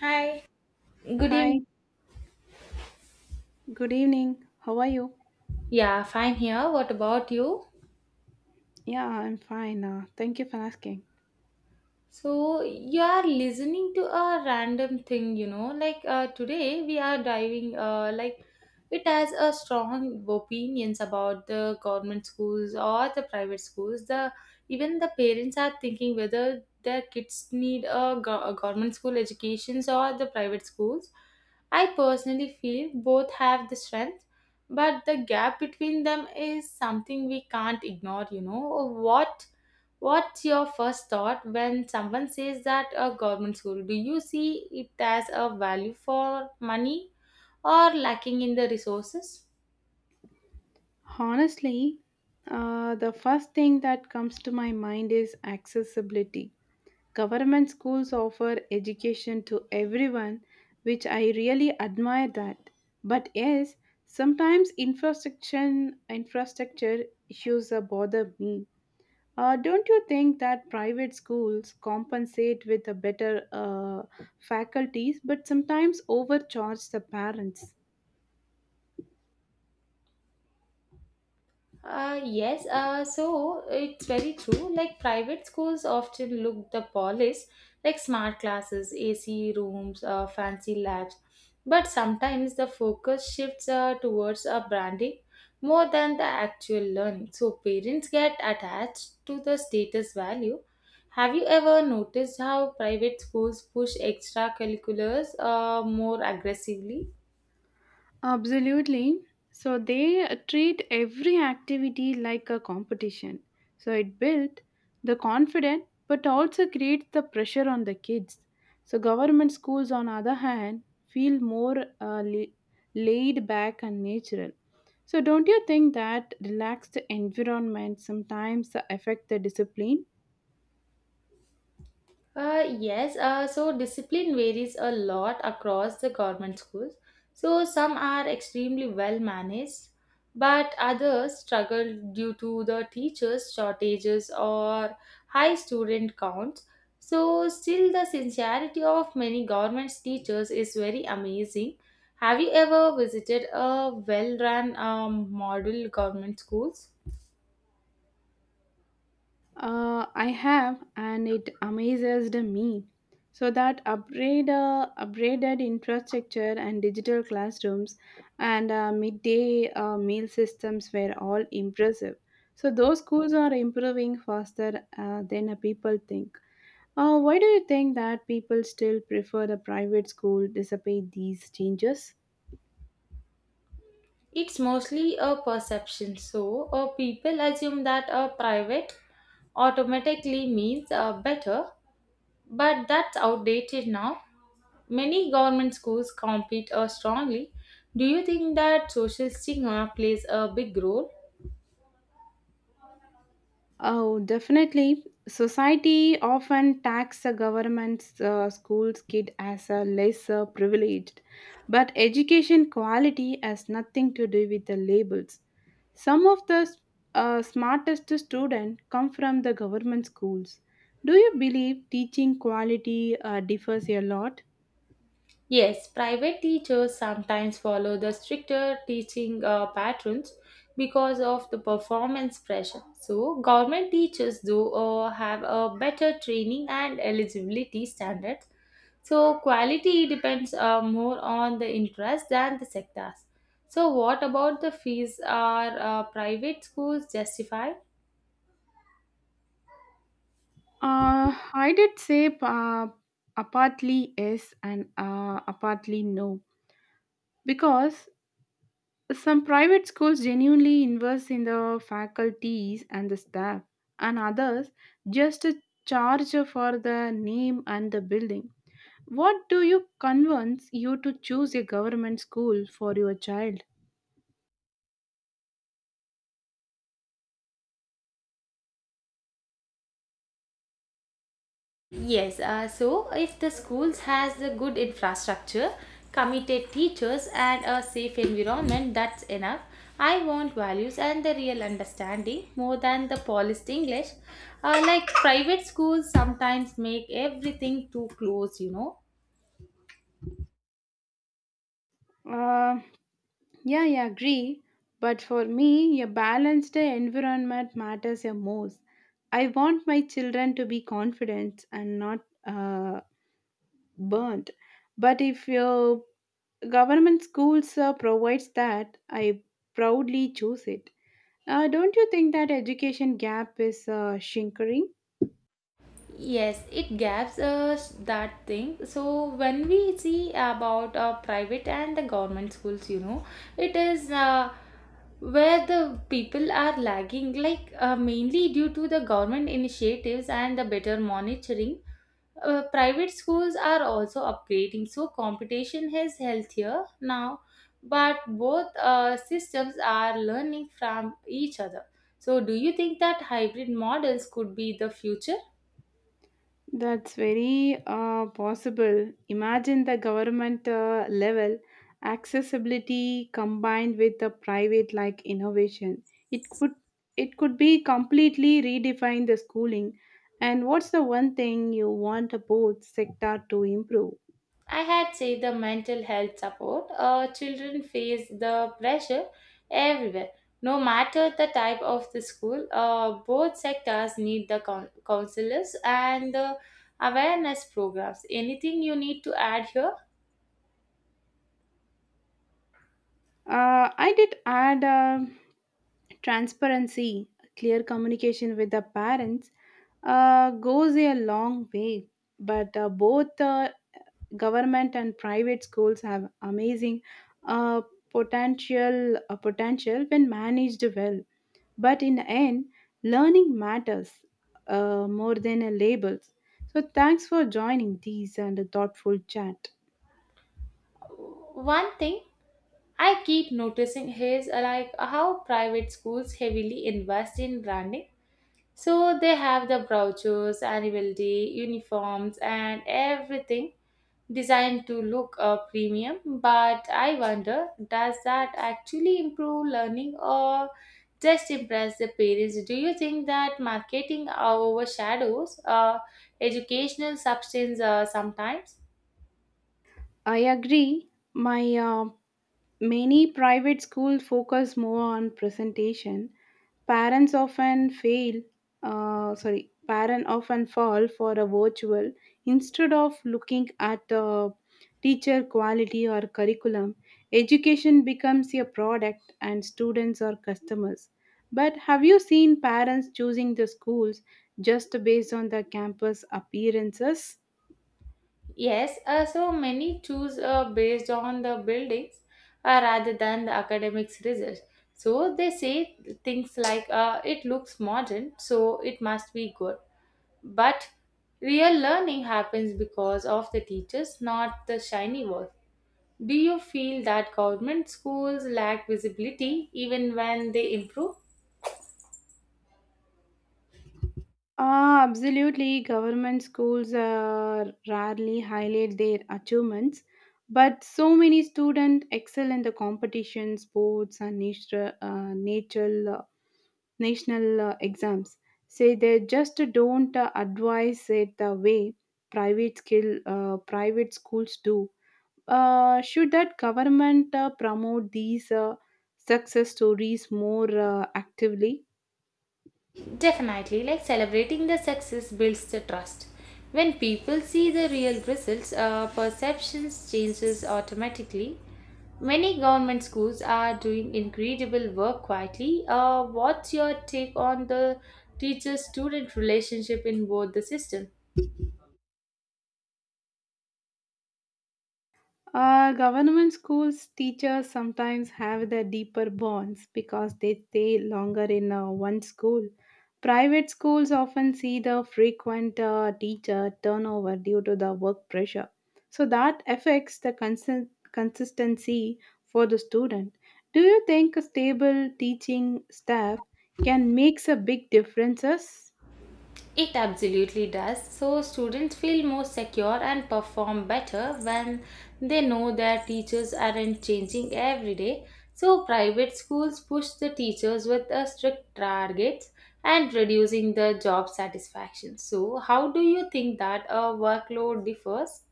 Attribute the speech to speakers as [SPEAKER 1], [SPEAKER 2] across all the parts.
[SPEAKER 1] Hi, good
[SPEAKER 2] Hi,
[SPEAKER 1] evening.
[SPEAKER 2] good evening. How are you?
[SPEAKER 1] Yeah, fine here. What about you?
[SPEAKER 2] Yeah, I'm fine. Thank you for asking.
[SPEAKER 1] So you are listening to a random thing. Like today we are diving. Like it has a strong opinions about the government schools or the private schools. The even the parents are thinking whether their kids need a government school educations or the private schools. I personally feel both have the strength, but the gap between them is something we can't ignore. You know what? What's your first thought when someone says that a government school? Do you see it as a value for money or lacking in the resources?
[SPEAKER 2] Honestly, the first thing that comes to my mind is accessibility. Government schools offer education to everyone, which I really admire that. But yes, sometimes infrastructure issues bother me. Don't you think that private schools compensate with a better faculties but sometimes overcharge the parents?
[SPEAKER 1] Yes, so it's very true. Like private schools often look the polish, like smart classes, AC rooms, fancy labs. But sometimes the focus shifts towards branding more than the actual learning. So parents get attached to the status value. Have you ever noticed how private schools push extracurriculars more aggressively?
[SPEAKER 2] Absolutely. So they treat every activity like a competition. So it built the confidence but also creates the pressure on the kids. So government schools on other hand feel more laid back and natural. So don't you think that relaxed environment sometimes affect the discipline?
[SPEAKER 1] Yes, so discipline varies a lot across the government schools. So some are extremely well managed, but others struggle due to the teachers' shortages or high student counts. So, still, the sincerity of many government teachers is very amazing. Have you ever visited a well run model government schools?
[SPEAKER 2] I have, and it amazes the me. So that upgraded infrastructure and digital classrooms and midday meal systems were all impressive. So those schools are improving faster than people think. Why do you think that people still prefer the private school despite these changes?
[SPEAKER 1] It's mostly a perception, so people assume that a private automatically means better, but that's outdated now. Many government schools compete strongly. Do you think that social stigma plays a big role?
[SPEAKER 2] Oh, definitely. Society often tax the government's school's kid as a lesser privileged, but education quality has nothing to do with the labels. Some of the smartest students come from the government schools. Do you believe teaching quality differs a lot?
[SPEAKER 1] Yes, private teachers sometimes follow the stricter teaching patterns because of the performance pressure. So, government teachers, though, have a better training and eligibility standards. So quality depends more on the interest than the sectors. So what about the fees? Are private schools justified?
[SPEAKER 2] Uh, I did say apartly yes and apartly no because some private schools genuinely invest in the faculties and the staff, and others just charge for the name and the building. What do you convince you to choose a government school for your child?
[SPEAKER 1] Yes, so if the schools has the good infrastructure, committed teachers and a safe environment, that's enough. I want values and the real understanding more than the polished English. Like private schools sometimes make everything too close.
[SPEAKER 2] Uh, yeah, I agree. But for me, a balanced environment matters the most. I want my children to be confident and not uh, burnt. But if your government schools provides that, I proudly choose it. Don't you think that education gap is shrinking?
[SPEAKER 1] Yes, it gaps that thing. So when we see about private and the government schools, it is where the people are lagging, like mainly due to the government initiatives and the better monitoring. Private schools are also upgrading, so competition is healthier now. But both systems are learning from each other. So, do you think that hybrid models could be the future?
[SPEAKER 2] That's very possible. Imagine the government level accessibility combined with the private like innovation. It could it could be completely redefine the schooling. And what's the one thing you want both sector to improve?
[SPEAKER 1] I had said the mental health support. Children face the pressure everywhere, no matter the type of the school. Both sectors need the counselors and the awareness programs. Anything you need to add here?
[SPEAKER 2] I did add transparency, clear communication with the parents goes a long way. But both government and private schools have amazing uh, potential when managed well. But in the end, learning matters more than labels. So thanks for joining these and a thoughtful chat.
[SPEAKER 1] One thing I keep noticing is like how private schools heavily invest in branding. So they have the brochures, annual day, uniforms, and everything designed to look premium, but I wonder does that actually improve learning or just impress the parents? Do you think that marketing overshadows educational substance sometimes?
[SPEAKER 2] I agree. My Many private schools focus more on presentation. Parents often fail. Sorry, parents often fall for a virtual instead of looking at the teacher quality or curriculum. Education becomes a product, and students are customers. But have you seen parents choosing the schools just based on the campus appearances?
[SPEAKER 1] Yes, so many choose based on the buildings rather than the academics results. So they say things like it looks modern, so it must be good. But real learning happens because of the teachers, not the shiny wall. Do you feel that government schools lack visibility even when they improve?
[SPEAKER 2] Ah, absolutely. Government schools rarely highlight their achievements, but so many students excel in the competition, sports, and national exams. Say they just don't advise it the way private schools do. Should that government promote these success stories more actively?
[SPEAKER 1] Definitely, like celebrating the success builds the trust. When people see the real results, perceptions changes automatically. Many government schools are doing incredible work quietly. What's your take on the teacher-student relationship in both the systems?
[SPEAKER 2] Government schools teachers sometimes have the deeper bonds because they stay longer in one school. Private schools often see the frequent teacher turnover due to the work pressure. So that affects the consistency for the student. Do you think a stable teaching staff can make a big differences?
[SPEAKER 1] It absolutely does. So students feel more secure and perform better when they know their teachers aren't changing every day. So private schools push the teachers with a strict targets and reducing the job satisfaction. So how do you think that a workload differs?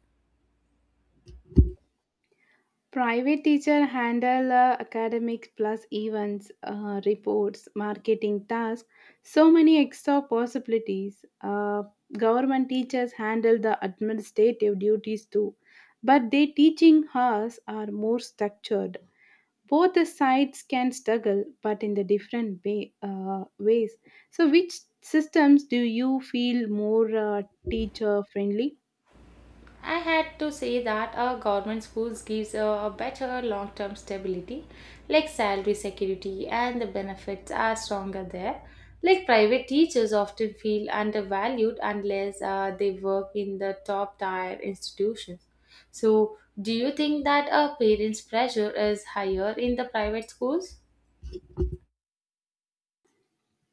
[SPEAKER 2] Private teacher handle academics plus events, reports, marketing tasks, so many extra possibilities. Government teachers handle the administrative duties too, but their teaching hours are more structured. Both the sides can struggle, but in the different ways. So, which systems do you feel more teacher friendly?
[SPEAKER 1] I had to say that our government schools gives a better long-term stability, like salary security and the benefits are stronger there. Like private teachers often feel undervalued unless they work in the top tier institutions. So, do you think that our parents' pressure is higher in the private schools?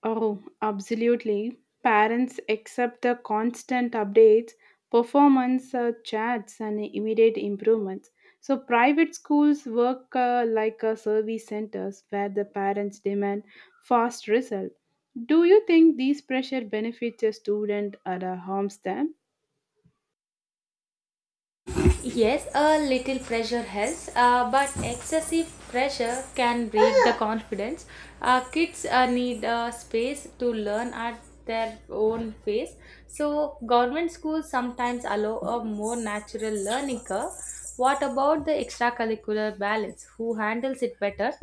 [SPEAKER 2] Oh, absolutely. Parents accept the constant updates, performance chats, and immediate improvements. So, private schools work like service centers where the parents demand fast result. Do you think these pressure benefits a student or harms them?
[SPEAKER 1] Yes, a little pressure helps, but excessive pressure can break the confidence. Kids need space to learn at their own pace. So, government schools sometimes allow a more natural learning curve. What about the extracurricular balance? Who handles it better?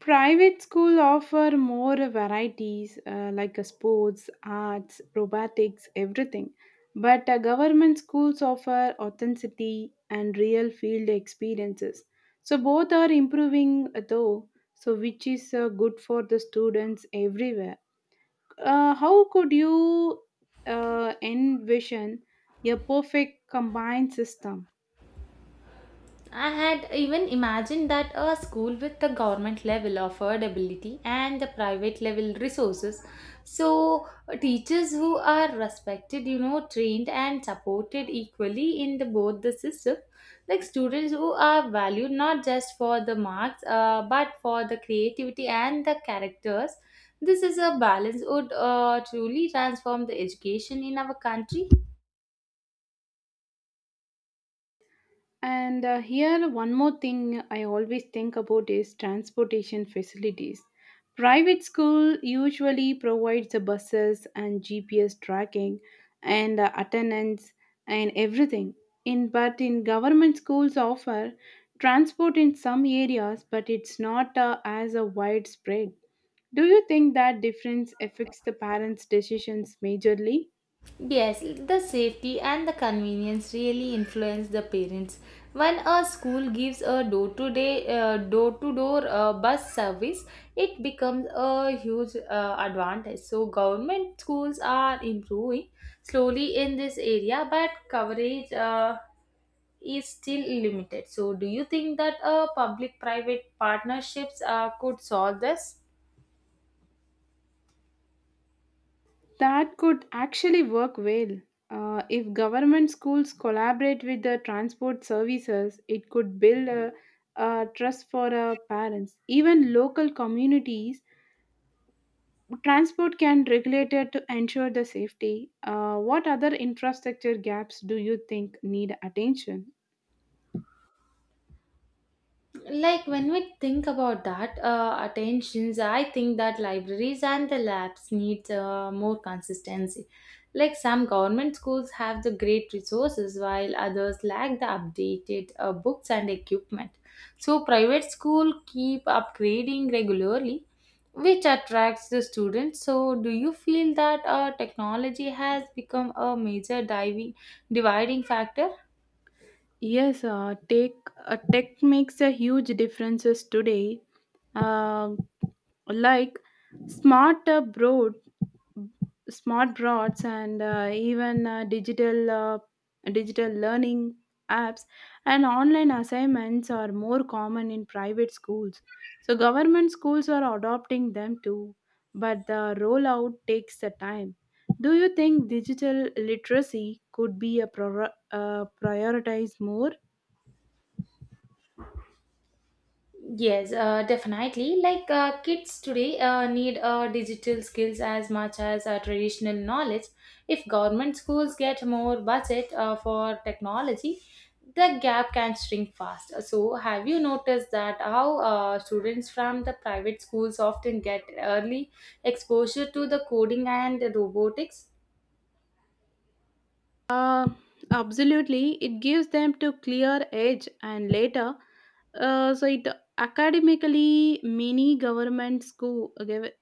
[SPEAKER 2] Private school offer more varieties like sports, arts, robotics, everything. But government schools offer authenticity and real field experiences. So both are improving though, so which is good for the students everywhere. How could you envision a perfect combined system?
[SPEAKER 1] I had even imagined that a school with the government level affordability and the private level resources. So, teachers who are respected, trained and supported equally in the both the system, like students who are valued not just for the marks but for the creativity and the characters. This is a balance would truly transform the education in our country.
[SPEAKER 2] And here, one more thing I always think about is transportation facilities. Private school usually provides the buses and GPS tracking and attendance and everything. In but in government schools offer transport in some areas, but it's not as a widespread. Do you think that difference affects the parents' decisions majorly?
[SPEAKER 1] Yes, the safety and the convenience really influence the parents. When a school gives a door to door bus service, it becomes a huge advantage. So government schools are improving slowly in this area, but coverage is still limited. So do you think that public private partnerships could solve this?
[SPEAKER 2] That could actually work well. If government schools collaborate with the transport services, it could build a trust for parents. Even local communities, transport can regulate it to ensure the safety. What other infrastructure gaps do you think need attention?
[SPEAKER 1] Like when we think about that attentions I think that libraries and the labs need more consistency. Like some government schools have the great resources while others lack the updated books and equipment. So private school keep upgrading regularly, which attracts the students. So do you feel that technology has become a major diving dividing factor?
[SPEAKER 2] Yes, take tech makes a huge differences today. Uh, like smart uh, broad, Smart broads, and even digital digital learning apps and online assignments are more common in private schools. So government schools are adopting them too, but the rollout takes the time. Do you think digital literacy could be a prioritize more
[SPEAKER 1] Yes, definitely. Like kids today need digital skills as much as traditional knowledge. If government schools get more budget for technology, the gap can shrink fast. So, have you noticed that how students from the private schools often get early exposure to the coding and robotics?
[SPEAKER 2] uh, absolutely. It gives them to clear edge and later so it Academically, many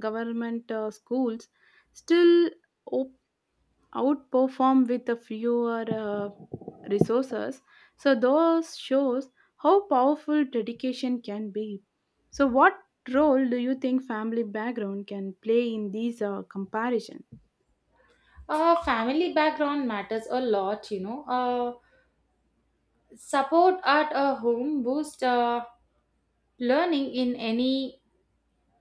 [SPEAKER 2] government schools still op- outperform with a fewer resources, so those shows how powerful dedication can be. So what role do you think family background can play in these comparisons?
[SPEAKER 1] Family background matters a lot. Support at a home boosts learning in any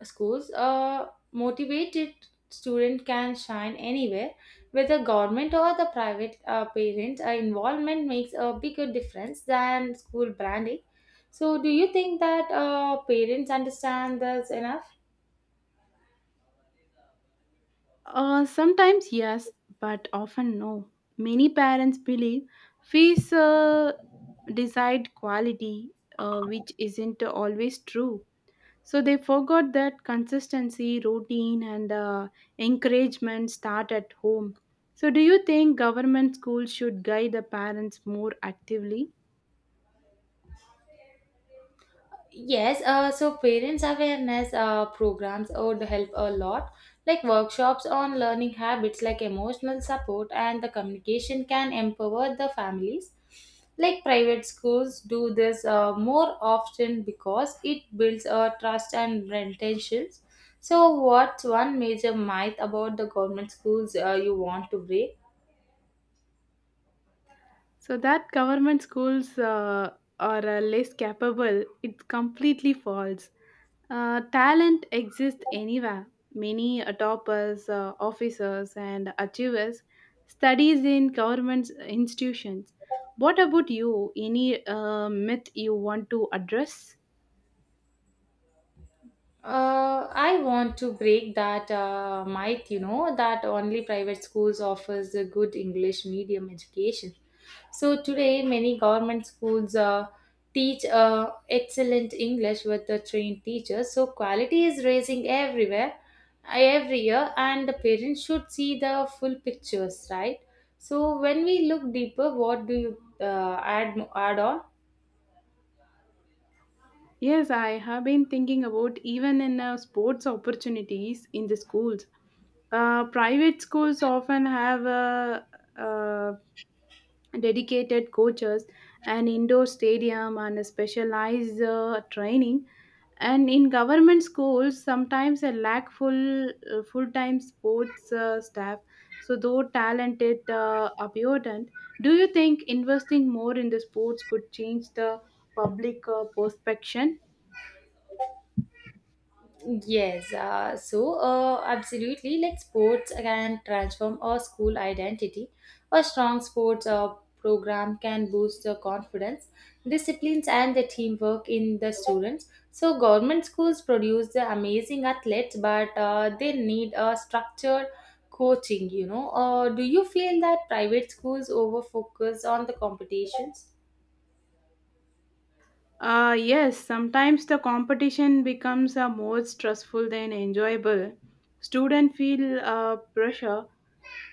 [SPEAKER 1] schools, a motivated student can shine anywhere, whether government or the private parents. Involvement makes a bigger difference than school branding. So, do you think that parents understand this enough?
[SPEAKER 2] Sometimes yes, but often no. Many parents believe fees decide quality, which isn't always true. So they forgot that consistency, routine, and encouragement start at home. So, do you think government schools should guide the parents more actively?
[SPEAKER 1] Yes, so parents awareness programs would help a lot, like workshops on learning habits, like emotional support and the communication can empower the families. Like private schools do this more often because it builds trust and intentions. So, what's one major myth about the government schools you want to break?
[SPEAKER 2] So that government schools are less capable, it's completely false. Talent exists anywhere. Many toppers, officers, and achievers studies in government institutions. What about you? Any myth you want to address?
[SPEAKER 1] I want to break that myth, that only private schools offers a good English medium education. So today, many government schools teach excellent English with the trained teachers. So quality is rising everywhere, every year, and the parents should see the full pictures, right? So when we look deeper, what do you add on?
[SPEAKER 2] Yes, I have been thinking about even in sports opportunities in the schools. Private schools often have uh, dedicated coaches, an indoor stadium, and a specialized training. And in government schools, sometimes a lack full-time sports staff. So though talented abundant, do you think investing more in the sports could change the public perception?
[SPEAKER 1] Yes, so absolutely, like sports can transform a school identity. A strong sports program can boost the confidence, disciplines, and the teamwork in the students. So, government schools produce the amazing athletes, but they need a structured coaching. Do you feel that private schools over focus on the competitions?
[SPEAKER 2] Yes, sometimes the competition becomes more stressful than enjoyable. Students feel pressure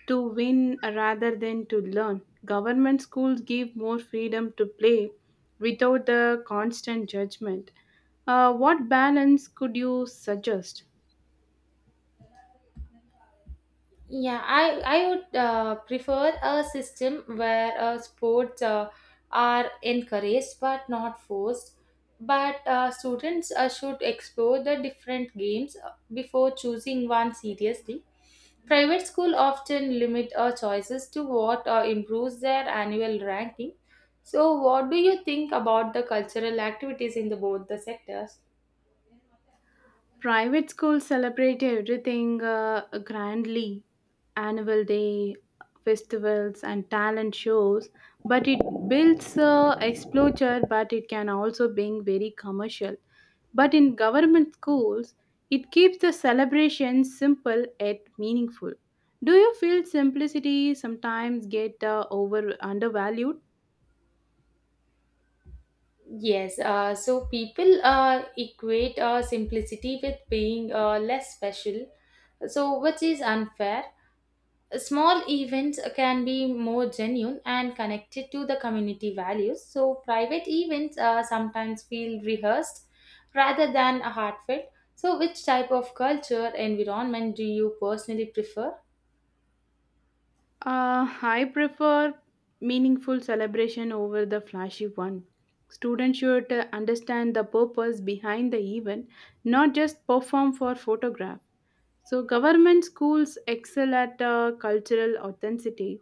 [SPEAKER 2] to win rather than to learn. Government schools give more freedom to play without the constant judgment. What balance could you suggest?
[SPEAKER 1] Yeah, I would prefer a system where sports are encouraged but not forced. But students should explore the different games before choosing one seriously. Private school often limit our choices to what improves their annual ranking. So, what do you think about the cultural activities in the both the sectors?
[SPEAKER 2] Private schools celebrate everything grandly annual day, festivals, and talent shows. But it builds exposure, but it can also being very commercial. But in government schools, it keeps the celebrations simple yet meaningful. Do you feel simplicity sometimes get over undervalued?
[SPEAKER 1] Yes, so people equate simplicity with being less special, so which is unfair. Small events can be more genuine and connected to the community values. So private events sometimes feel rehearsed rather than heartfelt. So which type of culture environment do you personally prefer?
[SPEAKER 2] I prefer meaningful celebration over the flashy one. Students should understand the purpose behind the event, not just perform for photograph. So, government schools excel at cultural authenticity.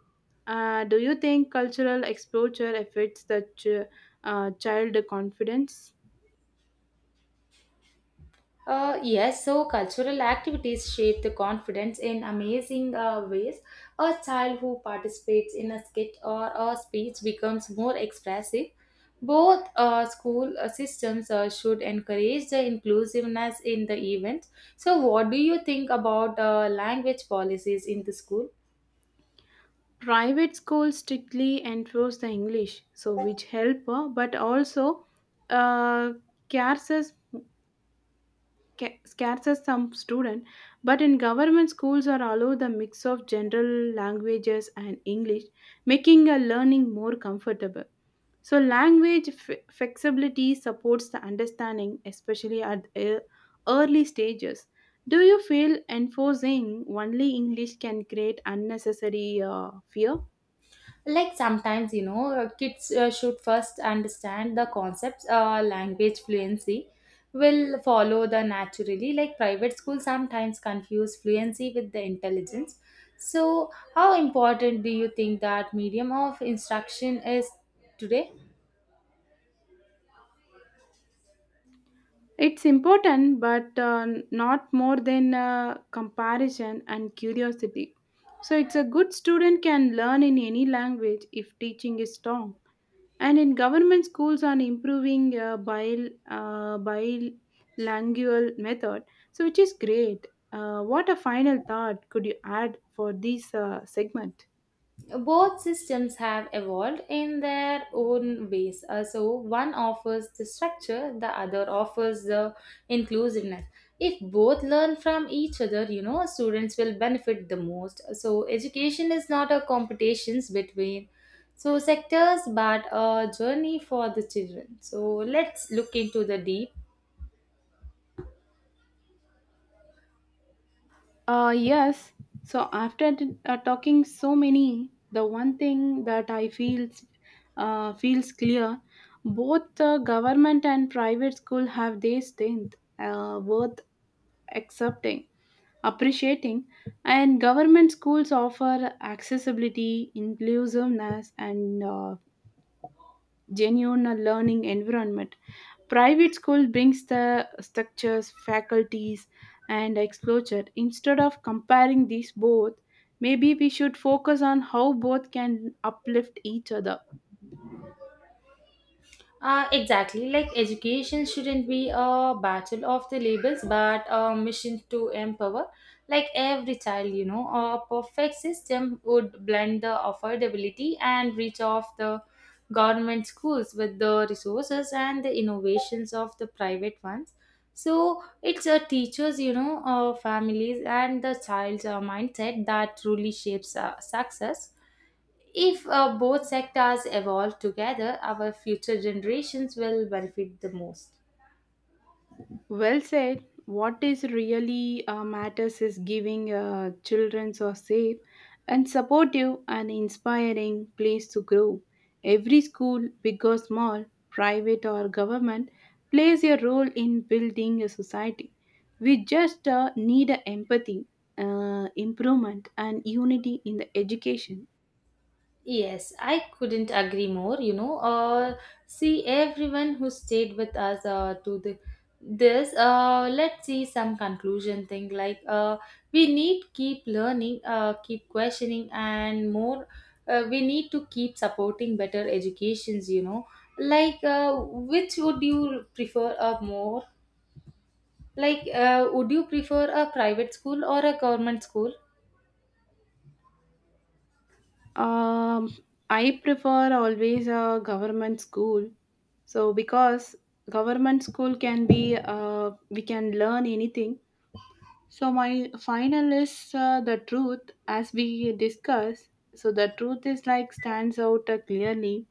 [SPEAKER 2] Do you think cultural exposure affects the child confidence?
[SPEAKER 1] Yes, so cultural activities shape the confidence in amazing ways. A child who participates in a skit or a speech becomes more expressive. Both school systems should encourage the inclusiveness in the events. So, what do you think about language policies in the school?
[SPEAKER 2] Private schools strictly enforce the English, so which help, but also uh, cares scares some student, but in government schools are allowed the mix of general languages and English, making a learning more comfortable. So language flexibility supports the understanding, especially at early stages. Do you feel enforcing only English can create unnecessary uh, fear?
[SPEAKER 1] Like sometimes kids should first understand the concepts. Language fluency will follow the naturally. Like private schools sometimes confuse fluency with the intelligence. So how important do you think that medium of instruction is today?
[SPEAKER 2] It's important, but not more than comparison and curiosity. So, it's a good student can learn in any language if teaching is strong. And in government schools, are improving bilingual method, so which is great. What a final thought could you add for this segment?
[SPEAKER 1] Both systems have evolved in their own ways. So, one offers the structure, the other offers the inclusiveness. If both learn from each other, students will benefit the most. So, education is not a competitions between sectors but a journey for the children. So, let's look into the deep.
[SPEAKER 2] Yes. So after talking so many, the one thing that I feels clear, both the government and private school have their strength worth accepting, appreciating, and government schools offer accessibility, inclusiveness, and genuine learning environment. Private school brings the structures, faculties, and exposure. Instead of comparing these both, maybe we should focus on how both can uplift each other.
[SPEAKER 1] Exactly. Like education shouldn't be a battle of the labels, but a mission to empower. Like every child, a perfect system would blend the affordability and reach of the government schools with the resources and the innovations of the private ones. So it's a teachers, families, and the child's mindset that truly shapes success. If both sectors evolve together, our future generations will benefit the most.
[SPEAKER 2] Well said. What is really matters is giving children a safe and supportive and inspiring place to grow. Every school, big or small, private or government, plays a role in building a society. We just need empathy, improvement, and unity in the education.
[SPEAKER 1] Yes, I couldn't agree more. See everyone who stayed with us to the this. Let's see some conclusion thing like we need keep learning, keep questioning, and more. We need to keep supporting better educations. Which would you prefer a more. Would you prefer a private school or a government school?
[SPEAKER 2] Um, I prefer always a government school. So because government school can be we can learn anything. So my final is the truth as we discuss. So the truth is like stands out clearly.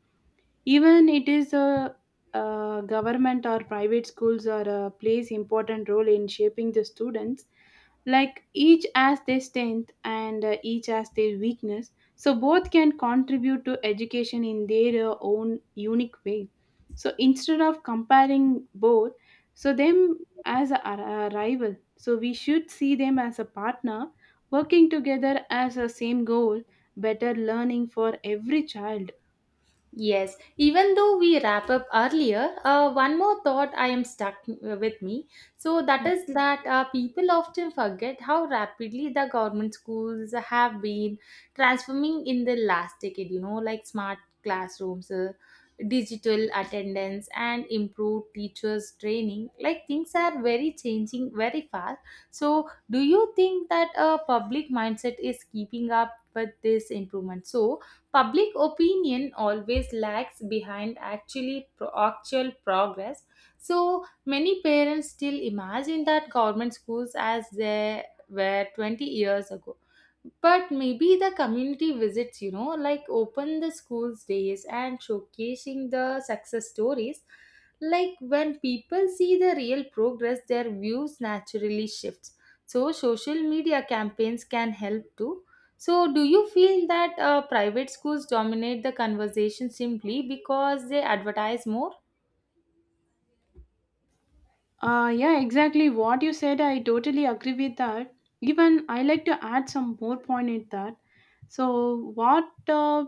[SPEAKER 2] Even it is government or private schools or plays important role in shaping the students, like each as their strength and each as their weakness. So both can contribute to education in their own unique way. So instead of comparing both, so them as a rival, so we should see them as a partner working together as a same goal, better learning for every child.
[SPEAKER 1] Yes, even though we wrap up earlier, one more thought I am stuck with me. So
[SPEAKER 2] Yeah.
[SPEAKER 1] that is that people often forget how rapidly the government schools have been transforming in the last decade. Like smart classrooms, digital attendance, and improved teachers training. Like things are very changing very fast. So, do you think that a public mindset is keeping up with this improvement? So public opinion always lags behind actually actual progress. So many parents still imagine that government schools as they were 20 years ago. But maybe the community visits, like open the schools days and showcasing the success stories. Like when people see the real progress, their views naturally shifts. So social media campaigns can help too. So, do you feel that private schools dominate the conversation simply because they advertise more?
[SPEAKER 2] Yeah, exactly. What you said, I totally agree with that. Even I like to add some more point in that. So, what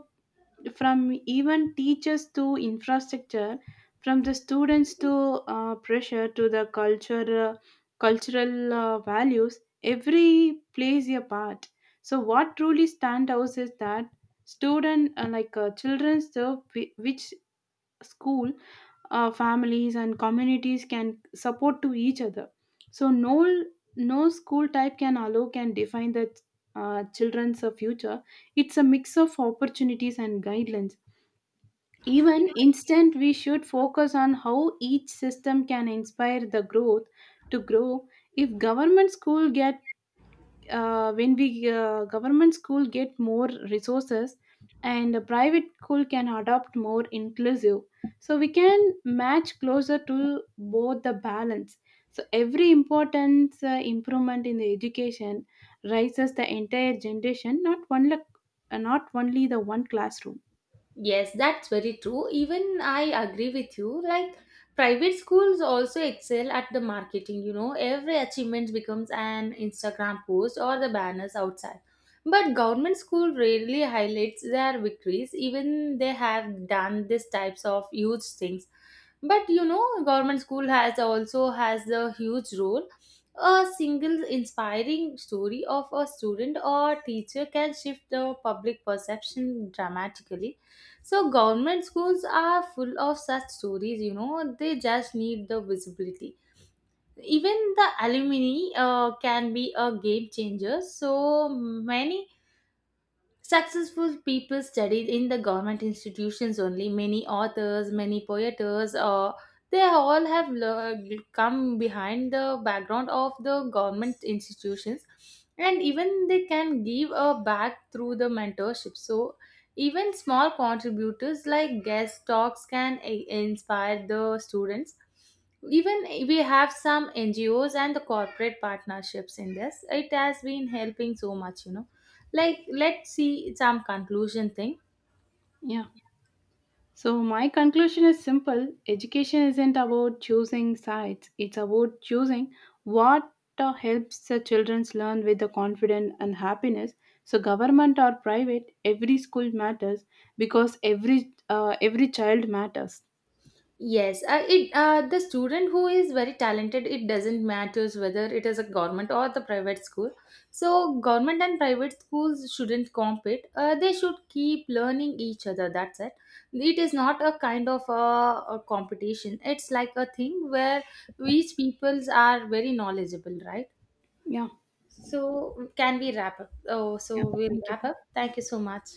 [SPEAKER 2] from even teachers to infrastructure, from the students to pressure to the culture cultural values, every plays a part. So what truly stand out is that student like children serve which school, families and communities can support to each other. So no school type can allow can define the children's future. It's a mix of opportunities and guidelines. Even instant, we should focus on how each system can inspire the growth to grow. If government school get more resources, and a private school can adopt more inclusive, so we can match closer to both the balance. So every important improvement in the education raises the entire generation, not only the one classroom.
[SPEAKER 1] Yes, that's very true. Even I agree with you. Like private schools also excel at the marketing, every achievement becomes an Instagram post or the banners outside. But government school rarely highlights their victories, even they have done these types of huge things. But government school has also has a huge role. A single inspiring story of a student or teacher can shift the public perception dramatically. So government schools are full of such stories. They just need the visibility. Even the alumni can be a game changer. So many successful people studied in the government institutions only. Many authors, many poets, they all have come behind the background of the government institutions, and even they can give a back through the mentorship. So, even small contributors like guest talks can inspire the students. Even we have some NGOs and the corporate partnerships in this. It has been helping so much. Like, let's see some conclusion thing.
[SPEAKER 2] Yeah. So, my conclusion is simple education isn't about choosing sides, it's about choosing what helps the children learn with the confidence and happiness. So, government or private, every school matters because every child matters.
[SPEAKER 1] Yes, it the student who is very talented, it doesn't matters whether it is a government or the private school. So government and private schools shouldn't compete. They should keep learning each other. That's it. It is not a kind of a competition. It's like a thing where each peoples are very knowledgeable, right?
[SPEAKER 2] Yeah,
[SPEAKER 1] So can we wrap up? Oh,
[SPEAKER 2] yeah,
[SPEAKER 1] so we'll
[SPEAKER 2] thank you.
[SPEAKER 1] wrap up. Thank you so much.